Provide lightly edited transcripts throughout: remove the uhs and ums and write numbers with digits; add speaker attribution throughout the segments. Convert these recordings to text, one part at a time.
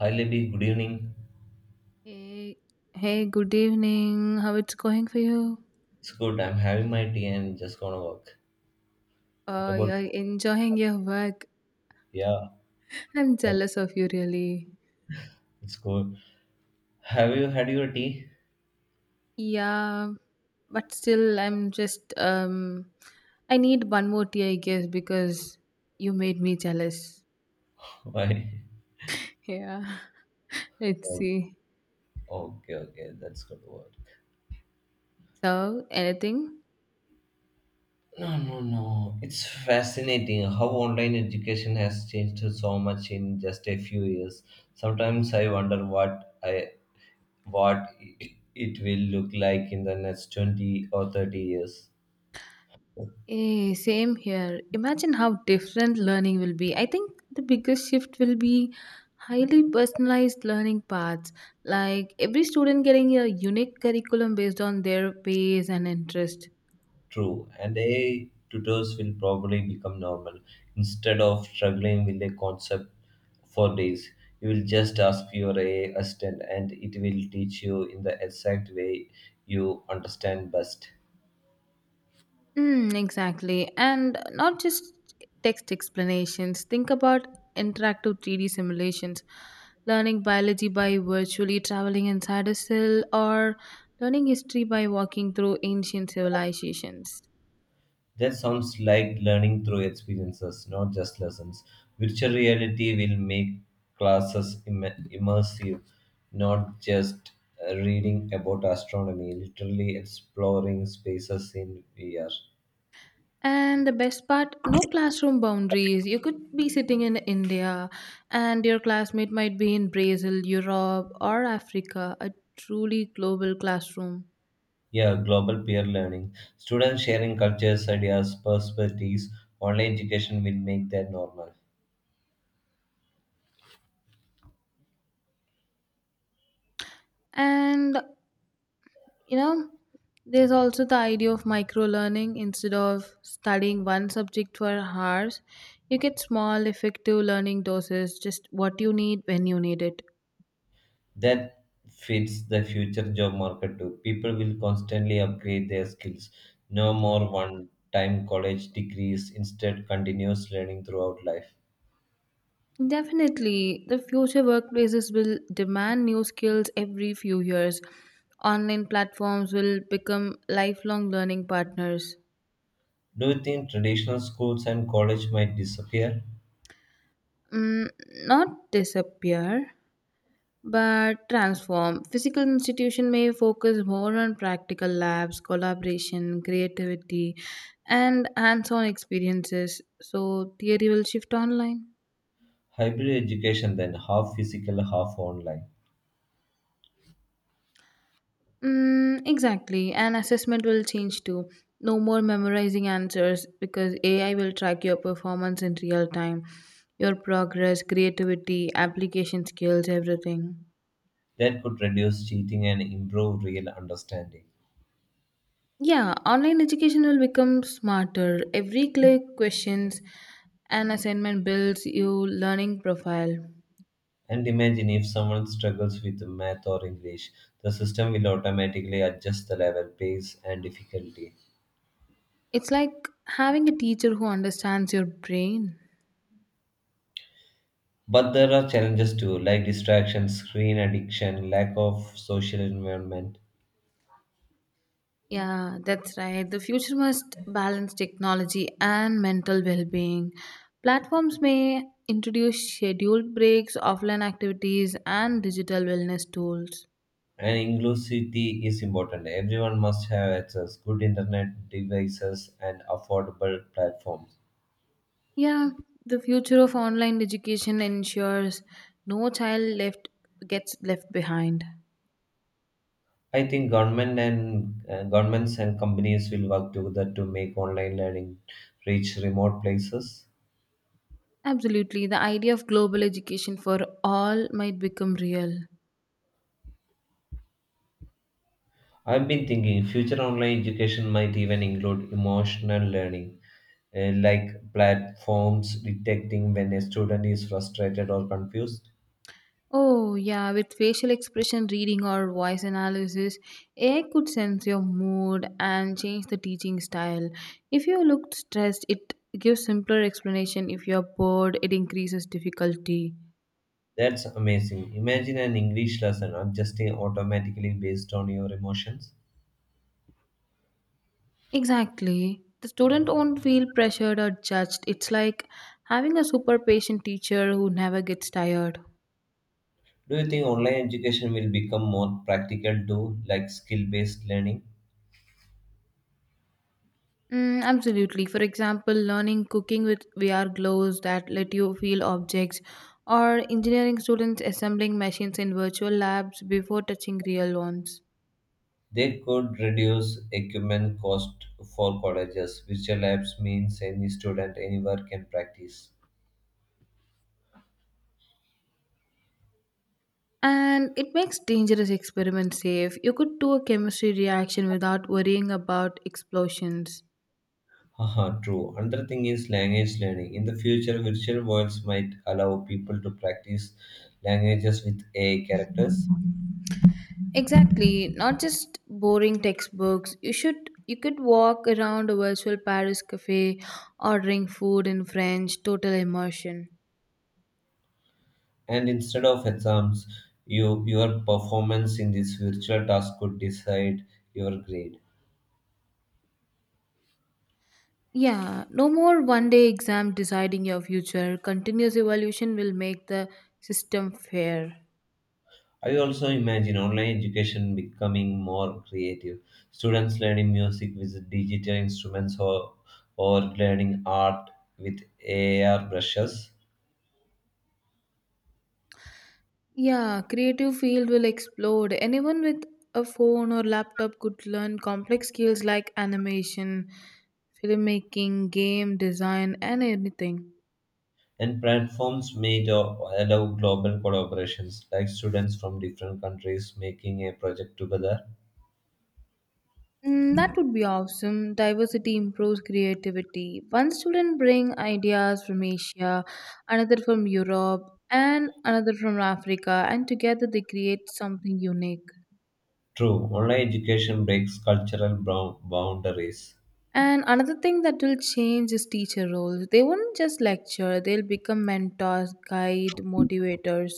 Speaker 1: Hi Libby, good evening.
Speaker 2: Hey, good evening. How it's going for you?
Speaker 1: It's good. I'm having my tea and just gonna work. What about
Speaker 2: You're enjoying your work.
Speaker 1: yeah?
Speaker 2: I'm
Speaker 1: Okay,
Speaker 2: jealous of you, really.
Speaker 1: it's good. Have you had your tea?
Speaker 2: Yeah, but still, I need one more tea, I guess, because you made me jealous.
Speaker 1: Why?
Speaker 2: Yeah, let's
Speaker 1: Oh,
Speaker 2: see.
Speaker 1: okay, okay, that's good word.
Speaker 2: So, anything?
Speaker 1: No, no, no. It's fascinating how online education has changed so much in just a few years. Sometimes I wonder what it will look like in the next 20 or 30 years.
Speaker 2: Same here. Imagine how different learning will be. I think the biggest shift will be highly personalized learning paths, like every student getting a unique curriculum based on their pace and interest.
Speaker 1: True, and AI tutors will probably become normal. Instead of struggling with a concept for days, you will just ask your AI assistant and it will teach you in the exact way you understand best.
Speaker 2: Mm, exactly. And not just text explanations. Think about interactive 3D simulations, learning biology by virtually traveling inside a cell, or learning history by walking through ancient civilizations.
Speaker 1: That sounds like learning through experiences, not just lessons. Virtual reality will make classes immersive, not just reading about astronomy, literally exploring spaces in VR.
Speaker 2: And the best part, no classroom boundaries. You could be sitting in India and your classmate might be in Brazil, Europe, or Africa, a truly global classroom.
Speaker 1: Yeah, global peer learning. Students sharing cultures, ideas, perspectives, online education will make that normal.
Speaker 2: And you know, there's also the idea of micro learning instead of studying one subject for hours. You get small, effective learning doses, just what you need when you need it.
Speaker 1: That fits the future job market too. People will constantly upgrade their skills. No more one time college degrees, instead, continuous learning throughout life.
Speaker 2: Definitely, the future workplaces will demand new skills every few years. Online platforms will become lifelong learning partners.
Speaker 1: Do you think traditional schools and college might disappear?
Speaker 2: Mm, not disappear, but transform. Physical institution may focus more on practical labs, collaboration, creativity, and hands-on experiences. So theory will shift online.
Speaker 1: Hybrid education, then, half physical, half online.
Speaker 2: Mm, exactly. And assessment will change too. No more memorizing answers because AI will track your performance in real time, your progress, creativity, application skills, everything.
Speaker 1: That could reduce cheating and improve real understanding.
Speaker 2: Yeah, online education will become smarter. Every click, questions, and assignment builds your learning profile.
Speaker 1: And imagine if someone struggles with math or English, the system will automatically adjust the level, pace, and difficulty.
Speaker 2: It's like having a teacher who understands your brain.
Speaker 1: But there are challenges too, like distraction, screen addiction, lack of social environment.
Speaker 2: Yeah, that's right. The future must balance technology and mental well being. Platforms may introduce scheduled breaks, offline activities, and digital wellness tools.
Speaker 1: And inclusivity is important. Everyone must have access, good internet devices, and affordable platforms.
Speaker 2: Yeah, the future of online education ensures no child left gets left behind.
Speaker 1: I think governments and companies will work together to make online learning reach remote places.
Speaker 2: Absolutely, the idea of global education for all might become real.
Speaker 1: I've been thinking future online education might even include emotional learning, like platforms detecting when a student is frustrated or confused.
Speaker 2: Oh, yeah, with facial expression reading or voice analysis, AI could sense your mood and change the teaching style. If you look stressed, it gives simpler explanation. If you're bored, it increases difficulty.
Speaker 1: That's amazing. Imagine an English lesson adjusting automatically based on your emotions.
Speaker 2: Exactly. The student won't feel pressured or judged. It's like having a super patient teacher who never gets tired.
Speaker 1: Do you think online education will become more practical too, like skill based learning?
Speaker 2: Mm, absolutely. For example, learning cooking with VR gloves that let you feel objects, or engineering students assembling machines in virtual labs before touching real ones.
Speaker 1: They could reduce equipment cost for colleges. Virtual labs means any student anywhere can practice.
Speaker 2: And it makes dangerous experiments safe. You could do a chemistry reaction without worrying about explosions.
Speaker 1: Haha, true. Another thing is language learning. In the future, virtual worlds might allow people to practice languages with AI characters,
Speaker 2: Exactly. Not just boring textbooks. You could walk around a virtual Paris cafe ordering food in French, total immersion.
Speaker 1: and instead of exams, your performance in this virtual task could decide your grade.
Speaker 2: Yeah, no more 1 day exam deciding your future. Continuous evolution will make the system fair.
Speaker 1: I also imagine online education becoming more creative. Students learning music with digital instruments or learning art with AR brushes.
Speaker 2: Yeah, creative field will explode. Anyone with a phone or laptop could learn complex skills like animation, filmmaking, game design and anything.
Speaker 1: And platforms allow global collaborations, like students from different countries making a project together.
Speaker 2: Mm, that would be awesome. Diversity improves creativity. One student bring ideas from Asia, another from Europe, and another from Africa, and together they create something unique.
Speaker 1: True, online education breaks cultural boundaries.
Speaker 2: And another thing that will change is teacher roles. They won't just lecture, they'll become mentors, guide, motivators.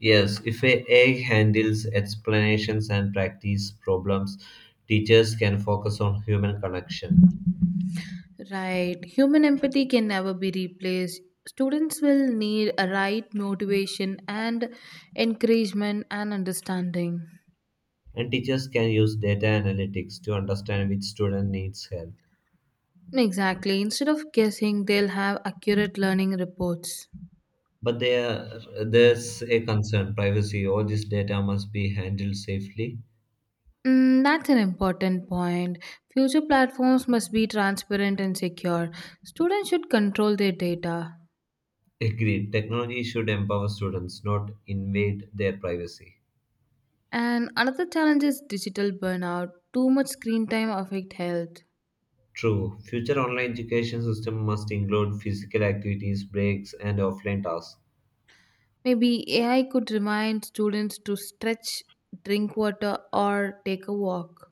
Speaker 1: Yes, if a AI handles explanations and practice problems, teachers can focus on human connection.
Speaker 2: Right. Human empathy can never be replaced. Students will need a right motivation and encouragement and understanding.
Speaker 1: And teachers can use data analytics to understand which student needs help.
Speaker 2: Exactly. Instead of guessing, they'll have accurate learning reports.
Speaker 1: But there, there's a concern privacy. All this data must be handled safely.
Speaker 2: Mm, that's an important point. Future platforms must be transparent and secure. Students should control their data.
Speaker 1: Agreed. Technology should empower students, not invade their privacy.
Speaker 2: And another challenge is digital burnout. Too much screen time affect health.
Speaker 1: True. Future online education system must include physical activities, breaks, and offline tasks.
Speaker 2: Maybe AI could remind students to stretch, drink water, or take a walk.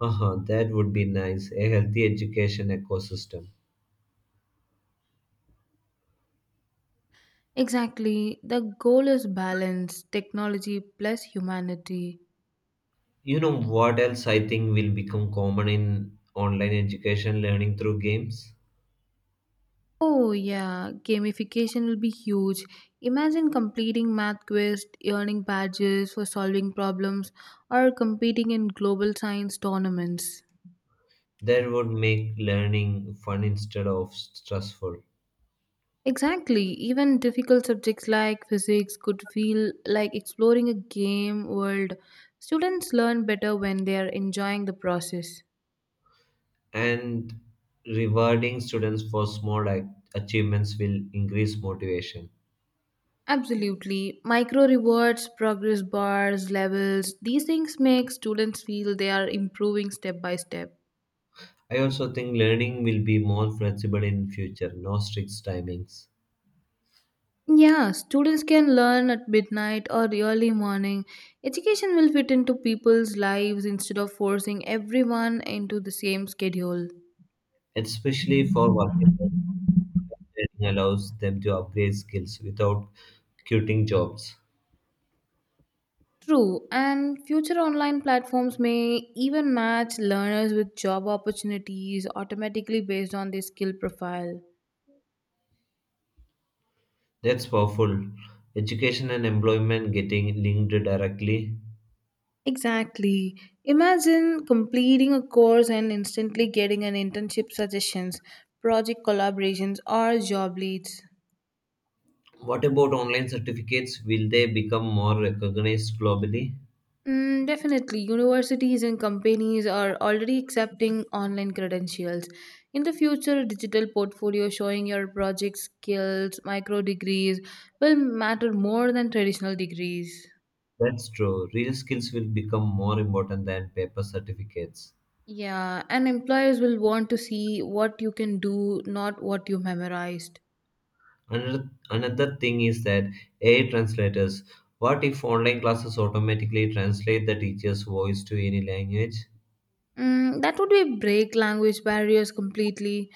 Speaker 1: Haha, that would be nice. A healthy education ecosystem.
Speaker 2: Exactly. The goal is balance, technology plus humanity.
Speaker 1: You know what else I think will become common in online education learning through games?
Speaker 2: Oh, yeah, gamification will be huge. Imagine completing math quests, earning badges for solving problems, or competing in global science tournaments.
Speaker 1: That would make learning fun instead of stressful.
Speaker 2: Exactly, even difficult subjects like physics could feel like exploring a game world. Students learn better when they are enjoying the process.
Speaker 1: And rewarding students for small achievements will increase motivation.
Speaker 2: Absolutely. Micro rewards, progress bars, levels, these things make students feel they are improving step by step.
Speaker 1: I also think learning will be more flexible in future, no strict timings,
Speaker 2: Yeah, students can learn at midnight or early morning. Education will fit into people's lives instead of forcing everyone into the same schedule.
Speaker 1: especially for working adults. Learning allows them to upgrade skills without quitting jobs.
Speaker 2: True, and future online platforms may even match learners with job opportunities automatically based on their skill profile.
Speaker 1: That's powerful. Education and employment getting linked directly.
Speaker 2: Exactly. Imagine completing a course and instantly getting an internship suggestions, project collaborations, or job leads.
Speaker 1: What about online certificates? Will they become more recognized globally?
Speaker 2: Mm, definitely. Universities and companies are already accepting online credentials. In the future, a digital portfolio showing your project skills, micro degrees, will matter more than traditional degrees.
Speaker 1: That's true. Real skills will become more important than paper certificates.
Speaker 2: Yeah, and employers will want to see what you can do, not what you memorized.
Speaker 1: Another thing is that AI translators. What if online classes automatically translate the teacher's voice to any language?
Speaker 2: Mm, that would be break language barriers completely.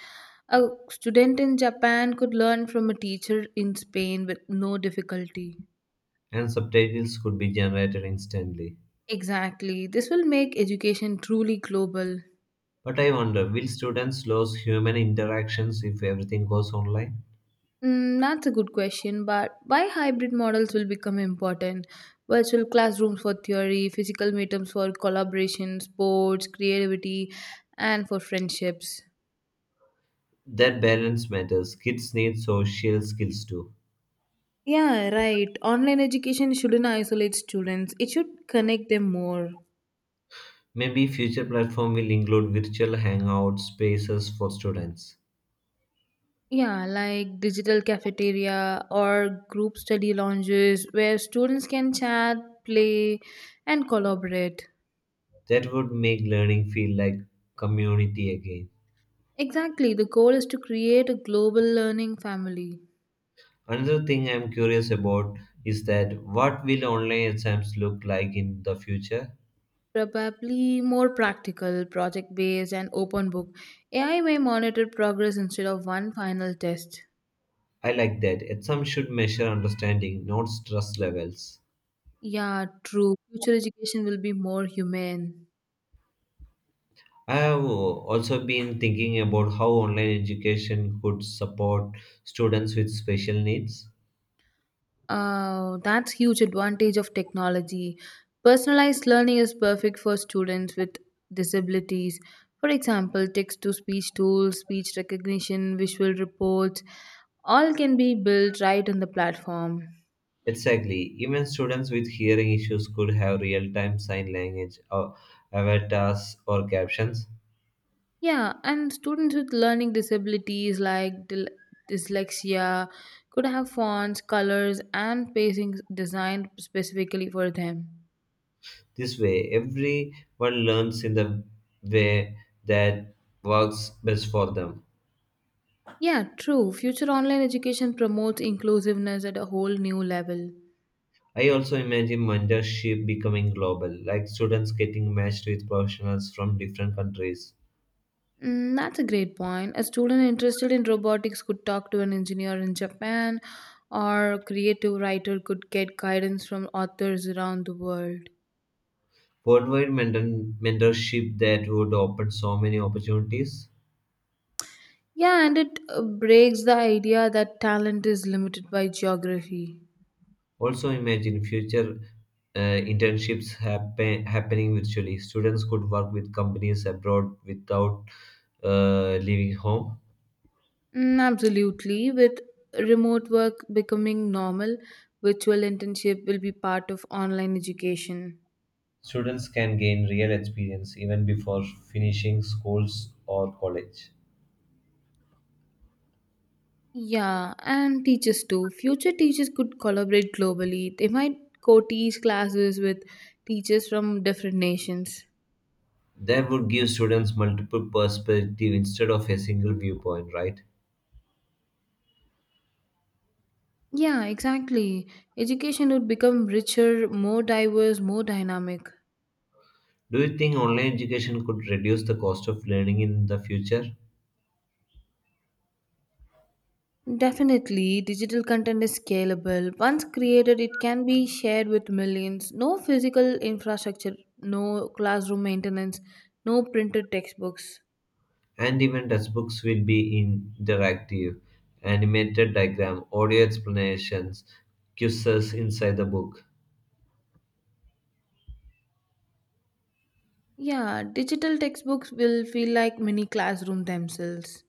Speaker 2: A student in Japan could learn from a teacher in Spain with no difficulty.
Speaker 1: And subtitles could be generated instantly.
Speaker 2: Exactly. This will make education truly global.
Speaker 1: But I wonder, will students lose human interactions if everything goes online?
Speaker 2: Mm, that's a good question, but why hybrid models will become important? Virtual classrooms for theory, physical meetups for collaboration, sports, creativity, and for friendships.
Speaker 1: That balance matters. Kids need social skills too.
Speaker 2: Yeah, right. Online education shouldn't isolate students, it should connect them more.
Speaker 1: Maybe future platform will include virtual hangout spaces for students.
Speaker 2: Yeah, like digital cafeteria or group study lounges where students can chat, play, and collaborate.
Speaker 1: That would make learning feel like community again.
Speaker 2: Exactly, the goal is to create a global learning family.
Speaker 1: Another thing I'm curious about is that what will online exams look like in the future?
Speaker 2: Probably more practical, project based, and open book. AI may monitor progress instead of one final test.
Speaker 1: I like that. Exams should measure understanding, not stress levels.
Speaker 2: Yeah, true. Future education will be more humane.
Speaker 1: I have also been thinking about how online education could support students with special needs.
Speaker 2: Oh, that's huge advantage of technology. Personalized learning is perfect for students with disabilities. For example, text to speech tools, speech recognition, visual reports, all can be built right on the platform.
Speaker 1: Exactly. Even students with hearing issues could have real time sign language or avatars or captions.
Speaker 2: Yeah, and students with learning disabilities like dyslexia could have fonts, colors, and pacings designed specifically for them.
Speaker 1: This way, everyone learns in the way that works best for them.
Speaker 2: Yeah, true. Future online education promotes inclusiveness at a whole new level.
Speaker 1: I also imagine mentorship becoming global, like students getting matched with professionals from different countries.
Speaker 2: Mm, that's a great point. A student interested in robotics could talk to an engineer in Japan, or a creative writer could get guidance from authors around the world.
Speaker 1: Worldwide mentorship that would open so many opportunities.
Speaker 2: Yeah, and it breaks the idea that talent is limited by geography.
Speaker 1: Also, imagine future internships happening virtually. Students could work with companies abroad without leaving home.
Speaker 2: Mm, absolutely. With remote work becoming normal, virtual internship will be part of online education.
Speaker 1: Students can gain real experience even before finishing schools or college.
Speaker 2: Yeah, and teachers too. Future teachers could collaborate globally. They might co teach classes with teachers from different nations.
Speaker 1: That would give students multiple perspectives instead of a single viewpoint, right?
Speaker 2: Yeah, exactly. Education would become richer, more diverse, more dynamic.
Speaker 1: Do you think online education could reduce the cost of learning in the future?
Speaker 2: Definitely, digital content is scalable. Once created, it can be shared with millions. No physical infrastructure, no classroom maintenance, no printed textbooks.
Speaker 1: And even textbooks will be interactive, animated diagram, audio explanations, quizzes inside the book.
Speaker 2: Yeah, digital textbooks will feel like mini classroom themselves.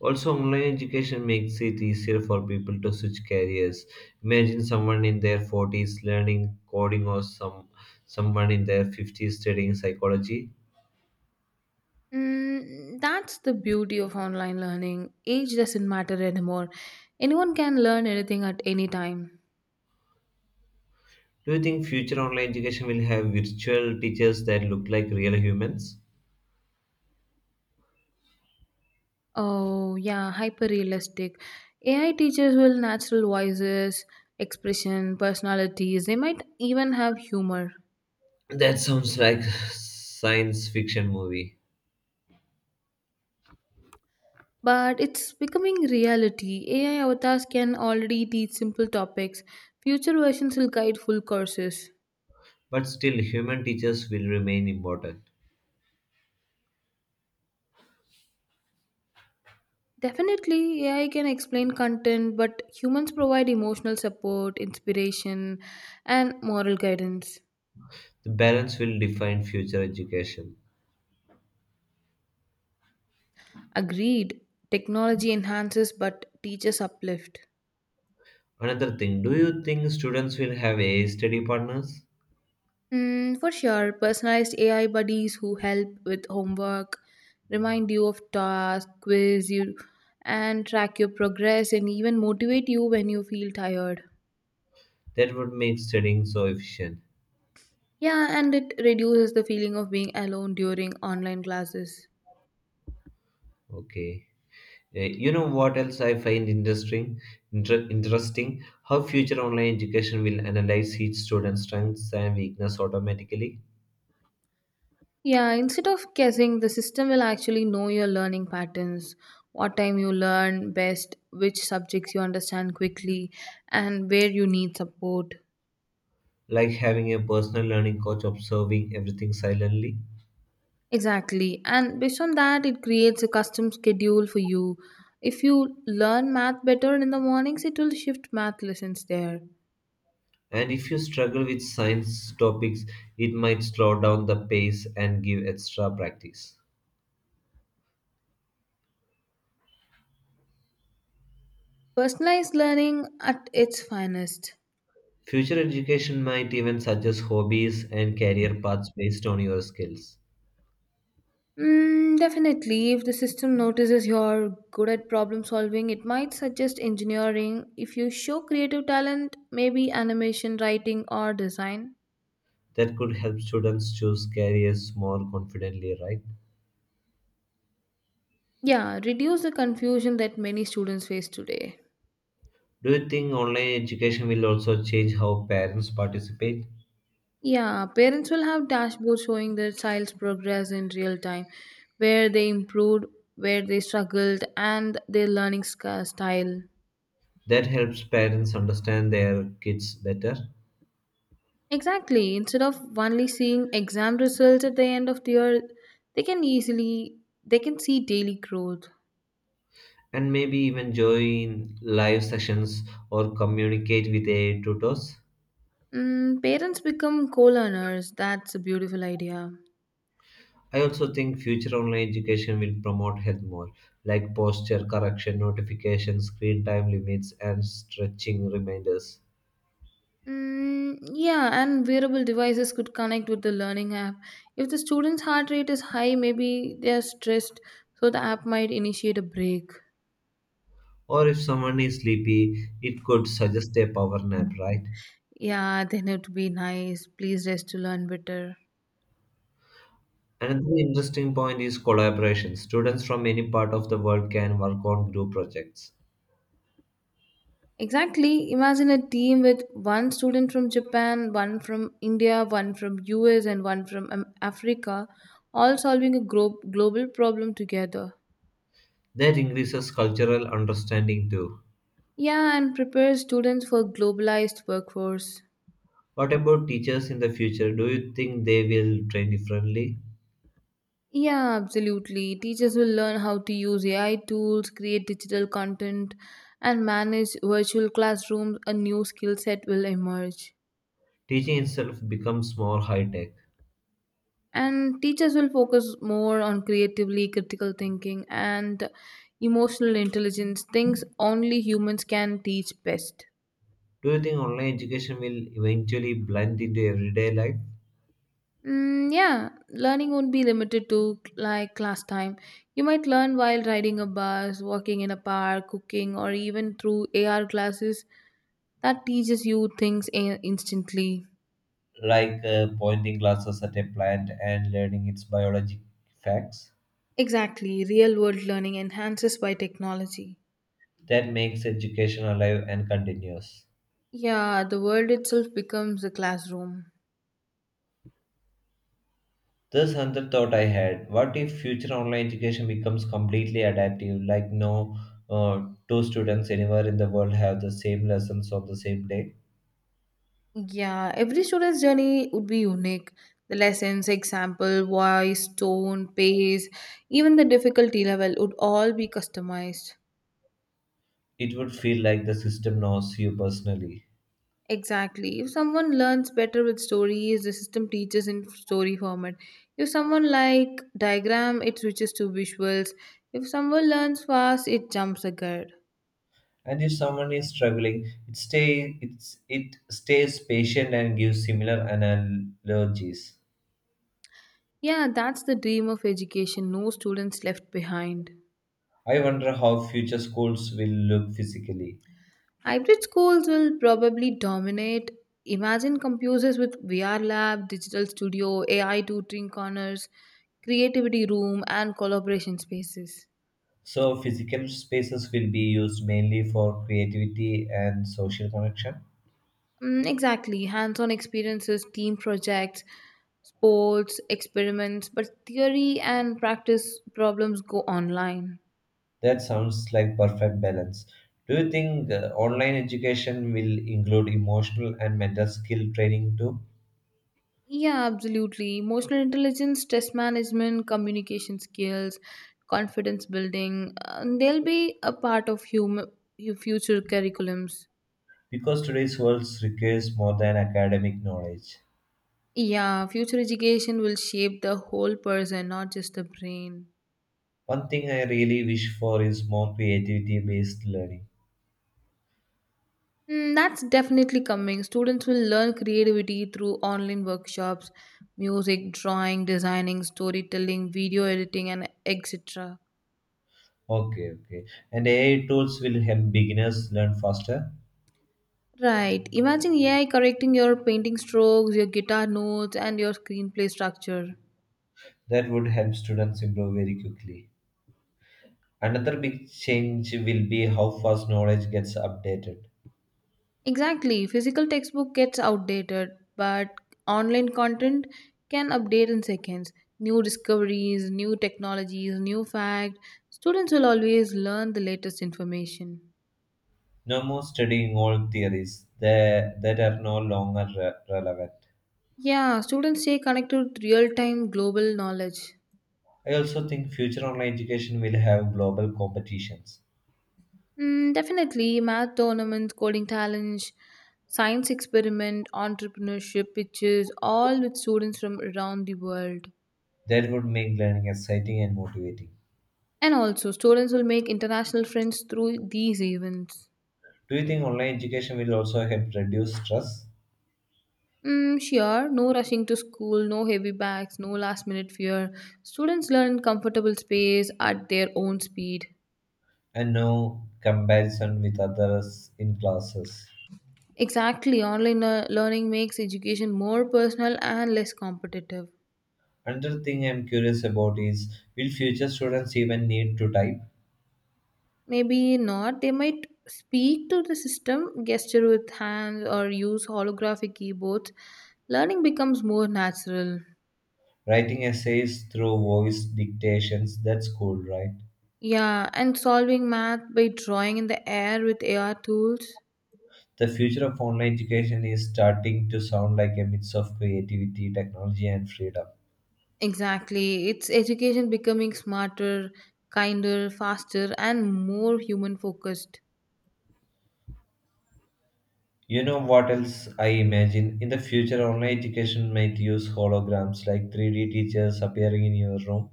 Speaker 1: Also, online education makes it easier for people to switch careers. Imagine someone in their 40s learning coding or someone in their 50s studying psychology.
Speaker 2: Mm, that's the beauty of online learning. Age doesn't matter anymore. Anyone can learn anything at any time.
Speaker 1: Do you think future online education will have virtual teachers that look like real humans?
Speaker 2: Oh, yeah, hyper realistic. AI teachers will natural voices, expression, personalities, they might even have humor.
Speaker 1: That sounds like science fiction movie.
Speaker 2: But it's becoming reality. AI avatars can already teach simple topics. Future versions will guide full courses.
Speaker 1: But still human teachers will remain important.
Speaker 2: Definitely, AI can explain content, but humans provide emotional support, inspiration, and moral guidance.
Speaker 1: The balance will define future education.
Speaker 2: Agreed, technology enhances, but teachers uplift.
Speaker 1: Another thing, do you think students will have AI study partners?
Speaker 2: Mm, for sure, personalized AI buddies who help with homework, remind you of tasks, quiz you, and track your progress, and even motivate you when you feel tired.
Speaker 1: That would make studying so efficient.
Speaker 2: Yeah, and it reduces the feeling of being alone during online classes.
Speaker 1: Okay. You know what else I find interesting? Interesting how future online education will analyze each student's strengths and weakness automatically.
Speaker 2: Yeah, instead of guessing, the system will actually know your learning patterns, what time you learn best, which subjects you understand quickly, and where you need support.
Speaker 1: Like having a personal learning coach observing everything silently.
Speaker 2: Exactly. And based on that, it creates a custom schedule for you. If you learn math better in the mornings, it will shift math lessons there.
Speaker 1: And if you struggle with science topics, it might slow down the pace and give extra practice.
Speaker 2: Personalized learning at its finest.
Speaker 1: Future education might even suggest hobbies and career paths based on your skills.
Speaker 2: Mm, definitely. If the system notices you're good at problem solving, it might suggest engineering. If you show creative talent, maybe animation, writing, or design.
Speaker 1: That could help students choose careers more confidently, right?
Speaker 2: Yeah, reduce the confusion that many students face today.
Speaker 1: Do you think online education will also change how parents participate?
Speaker 2: Yeah, parents will have dashboards showing their child's progress in real time, where they improved, where they struggled, and their learning style.
Speaker 1: That helps parents understand their kids better.
Speaker 2: Exactly. Instead of only seeing exam results at the end of the year, they can easily they can see daily growth.
Speaker 1: And maybe even join live sessions or communicate with AI tutors.
Speaker 2: Mm, parents become co-learners. That's a beautiful idea.
Speaker 1: I also think future online education will promote health more, like posture correction, notifications, screen time limits, and stretching reminders.
Speaker 2: Mm, yeah, and wearable devices could connect with the learning app. If the student's heart rate is high, maybe they are stressed, so the app might initiate a break.
Speaker 1: Or if someone is sleepy, it could suggest a power nap, right?
Speaker 2: Yeah, then it would be nice. Please rest to learn better.
Speaker 1: Another interesting point is collaboration. Students from any part of the world can work on group projects.
Speaker 2: Exactly. Imagine a team with one student from Japan, one from India, one from US, and one from Africa, all solving a global problem together.
Speaker 1: That increases cultural understanding too.
Speaker 2: Yeah, and prepare students for globalized workforce.
Speaker 1: What about teachers in the future? Do you think they will train differently?
Speaker 2: Yeah, absolutely. Teachers will learn how to use AI tools, create digital content, and manage virtual classrooms. A new skill set will emerge.
Speaker 1: Teaching itself becomes more high tech.
Speaker 2: And teachers will focus more on creatively critical thinking and emotional intelligence, things only humans can teach best.
Speaker 1: Do you think online education will eventually blend into everyday life,
Speaker 2: Mm, yeah, learning won't be limited to like class time. You might learn while riding a bus, walking in a park, cooking, or even through AR classes that teaches you things instantly.
Speaker 1: like pointing glasses at a plant and learning its biologic facts?
Speaker 2: Exactly, real world learning enhances by technology.
Speaker 1: That makes education alive and continuous.
Speaker 2: Yeah, the world itself becomes a classroom.
Speaker 1: This another thought I had: what if future online education becomes completely adaptive, like no uh, two students anywhere in the world have the same lessons on the same day?
Speaker 2: Yeah, every student's journey would be unique. The lessons, example, voice, tone, pace, even the difficulty level would all be customized.
Speaker 1: It would feel like the system knows you personally.
Speaker 2: Exactly. If someone learns better with stories, the system teaches in story format. If someone like diagram, it switches to visuals. If someone learns fast, it jumps ahead.
Speaker 1: And if someone is struggling, it stays patient and gives similar analogies.
Speaker 2: Yeah, that's the dream of education. No students left behind.
Speaker 1: I wonder how future schools will look physically.
Speaker 2: Hybrid schools will probably dominate. Imagine computers with VR lab, digital studio, AI tutoring corners, creativity room, and collaboration spaces.
Speaker 1: So physical spaces will be used mainly for creativity and social connection.
Speaker 2: Mm, exactly. Hands on experiences, team projects, sports, experiments, but theory and practice problems go online.
Speaker 1: That sounds like perfect balance. Do you think online education will include emotional and mental skill training too?
Speaker 2: Yeah, absolutely. Emotional intelligence, stress management, communication skills, confidence building, they'll be a part of human, future curriculums.
Speaker 1: Because today's world requires more than academic knowledge.
Speaker 2: Yeah, future education will shape the whole person, not just the brain.
Speaker 1: One thing I really wish for is more creativity based learning.
Speaker 2: Mm, that's definitely coming. Students will learn creativity through online workshops, music, drawing, designing, storytelling, video editing, and etc.
Speaker 1: Okay, okay. And AI tools will help beginners learn faster.
Speaker 2: Right. Imagine AI correcting your painting strokes, your guitar notes, and your screenplay structure.
Speaker 1: That would help students improve very quickly. Another big change will be how fast knowledge gets updated.
Speaker 2: Exactly. Physical textbook gets outdated, but online content can update in seconds. New discoveries, new technologies, new fact. Students will always learn the latest information.
Speaker 1: No more studying old theories that are no longer relevant.
Speaker 2: Yeah, students stay connected with real time global knowledge.
Speaker 1: I also think future online education will have global competitions.
Speaker 2: Mm, definitely, math tournaments, coding challenge, science experiment, entrepreneurship pitches, all with students from around the world.
Speaker 1: That would make learning exciting and motivating.
Speaker 2: And also, students will make international friends through these events.
Speaker 1: Do you think online education will also help reduce stress?
Speaker 2: Mm, sure, no rushing to school, no heavy bags, no last minute fear. Students learn comfortable space at their own speed.
Speaker 1: And no comparison with others in classes.
Speaker 2: Exactly, online learning makes education more personal and less competitive.
Speaker 1: Another thing I'm curious about is will future students even need to type?
Speaker 2: Maybe not. They might speak to the system, gesture with hands, or use holographic keyboards. Learning becomes more natural.
Speaker 1: Writing essays through voice dictations, that's cool, right?
Speaker 2: Yeah, and solving math by drawing in the air with AR tools.
Speaker 1: The future of online education is starting to sound like a mix of creativity, technology, and freedom.
Speaker 2: Exactly. It's education becoming smarter, kinder, faster, and more human focused.
Speaker 1: You know what else I imagine? In the future, online education might use holograms like 3D teachers appearing in your room.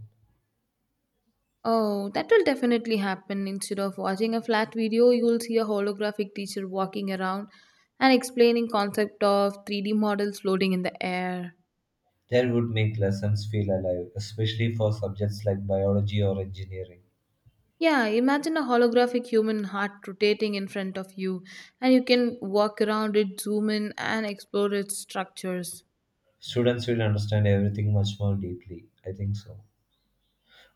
Speaker 2: Oh, that will definitely happen. Instead of watching a flat video, you will see a holographic teacher walking around and explaining concept of 3D models floating in the air.
Speaker 1: That would make lessons feel alive, especially for subjects like biology or engineering.
Speaker 2: Yeah, imagine a holographic human heart rotating in front of you, and you can walk around it, zoom in, and explore its structures.
Speaker 1: Students will understand everything much more deeply. I think so.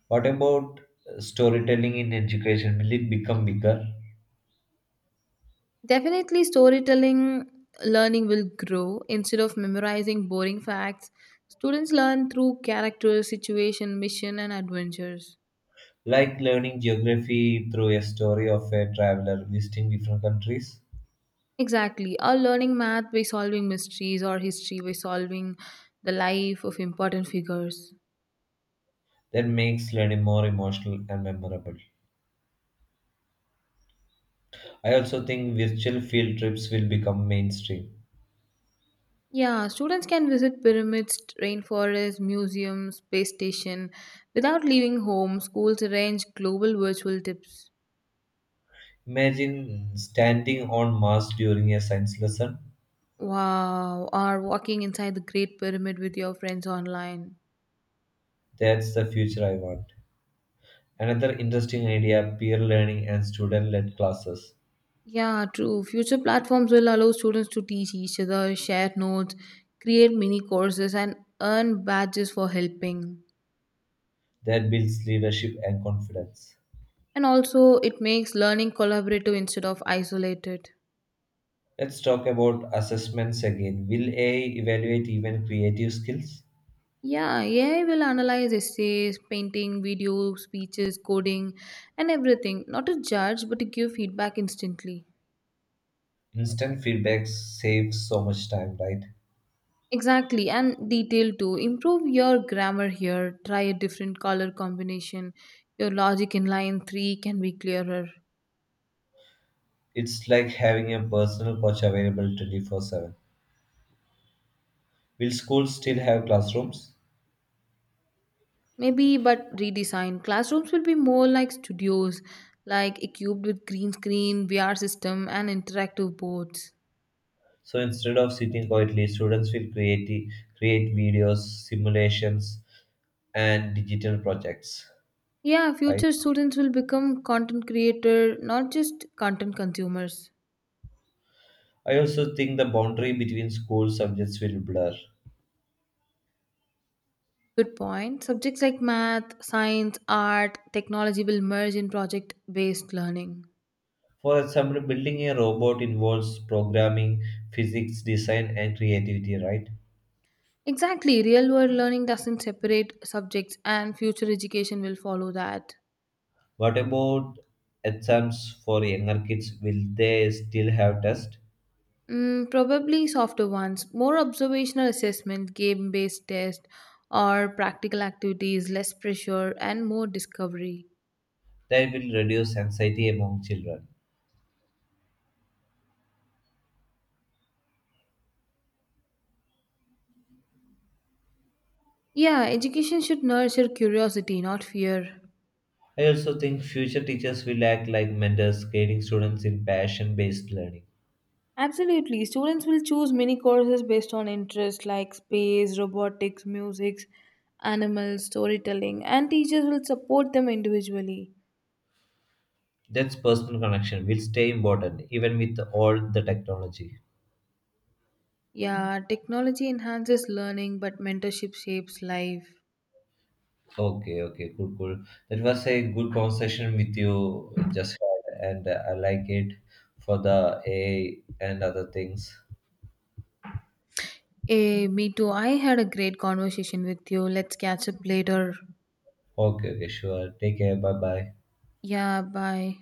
Speaker 1: What about storytelling in education? Will it become bigger?
Speaker 2: Definitely, storytelling learning will grow. Instead of memorizing boring facts, students learn through characters, situation, mission, and adventures.
Speaker 1: Like learning geography through a story of a traveler visiting different countries?
Speaker 2: Exactly, or learning math by solving mysteries, or history by solving the life of important figures.
Speaker 1: That makes learning more emotional and memorable. I also think virtual field trips will become mainstream.
Speaker 2: Yeah, students can visit pyramids, rainforests, museums, space station without leaving home. Schools arrange global virtual tips.
Speaker 1: Imagine standing on Mars during a science lesson.
Speaker 2: Wow, or walking inside the Great Pyramid with your friends online.
Speaker 1: That's the future I want. Another interesting idea peer learning and student led classes
Speaker 2: Yeah, true. Future platforms will allow students to teach each other, share notes, create mini courses, and earn badges for helping.
Speaker 1: that builds leadership and confidence.
Speaker 2: And also, it makes learning collaborative instead of isolated.
Speaker 1: Let's talk about assessments again. Will AI evaluate even creative skills?
Speaker 2: Yeah, AI will analyze essays, painting, video, speeches, coding, and everything. Not to judge, but to give feedback instantly.
Speaker 1: Instant feedback saves so much time, right?
Speaker 2: Exactly, and detail too. Improve your grammar here. Try a different color combination. Your logic in line 3 can be clearer.
Speaker 1: It's like having a personal coach available 24/7. Will schools still have classrooms?
Speaker 2: Maybe, but redesign. Classrooms will be more like studios, like equipped with green screen, VR system, and interactive boards.
Speaker 1: So instead of sitting quietly, students will create videos, simulations, and digital projects,
Speaker 2: Yeah,
Speaker 1: right?
Speaker 2: future students will become content creator, not just content consumers.
Speaker 1: I also think the boundary between school subjects will blur.
Speaker 2: Good point. Subjects like math, science, art, technology will merge in project based learning.
Speaker 1: For example, building a robot involves programming, physics, design, and creativity, right?
Speaker 2: Exactly, real world learning doesn't separate subjects, and future education will follow that.
Speaker 1: What about exams for younger kids? Will they still have tests?
Speaker 2: Mm, probably softer ones, more observational assessment, game based test, or practical activities, less pressure, and more discovery.
Speaker 1: That will reduce anxiety among children.
Speaker 2: Yeah, education should nurture curiosity, not fear.
Speaker 1: I also think future teachers will act like mentors, guiding students in passion based learning.
Speaker 2: Absolutely. Students will choose mini courses based on interest like space, robotics, music, animals, storytelling, and teachers will support them individually.
Speaker 1: That's personal connection will stay important even with all the technology.
Speaker 2: Yeah, technology enhances learning, but mentorship shapes life.
Speaker 1: Okay, okay, cool, cool. That was a good conversation with you just had, and I like it for the AI and other things.
Speaker 2: Me too. I had a great conversation with you. Let's catch up later.
Speaker 1: Okay, okay, sure. Take care. Bye bye.
Speaker 2: Yeah, bye.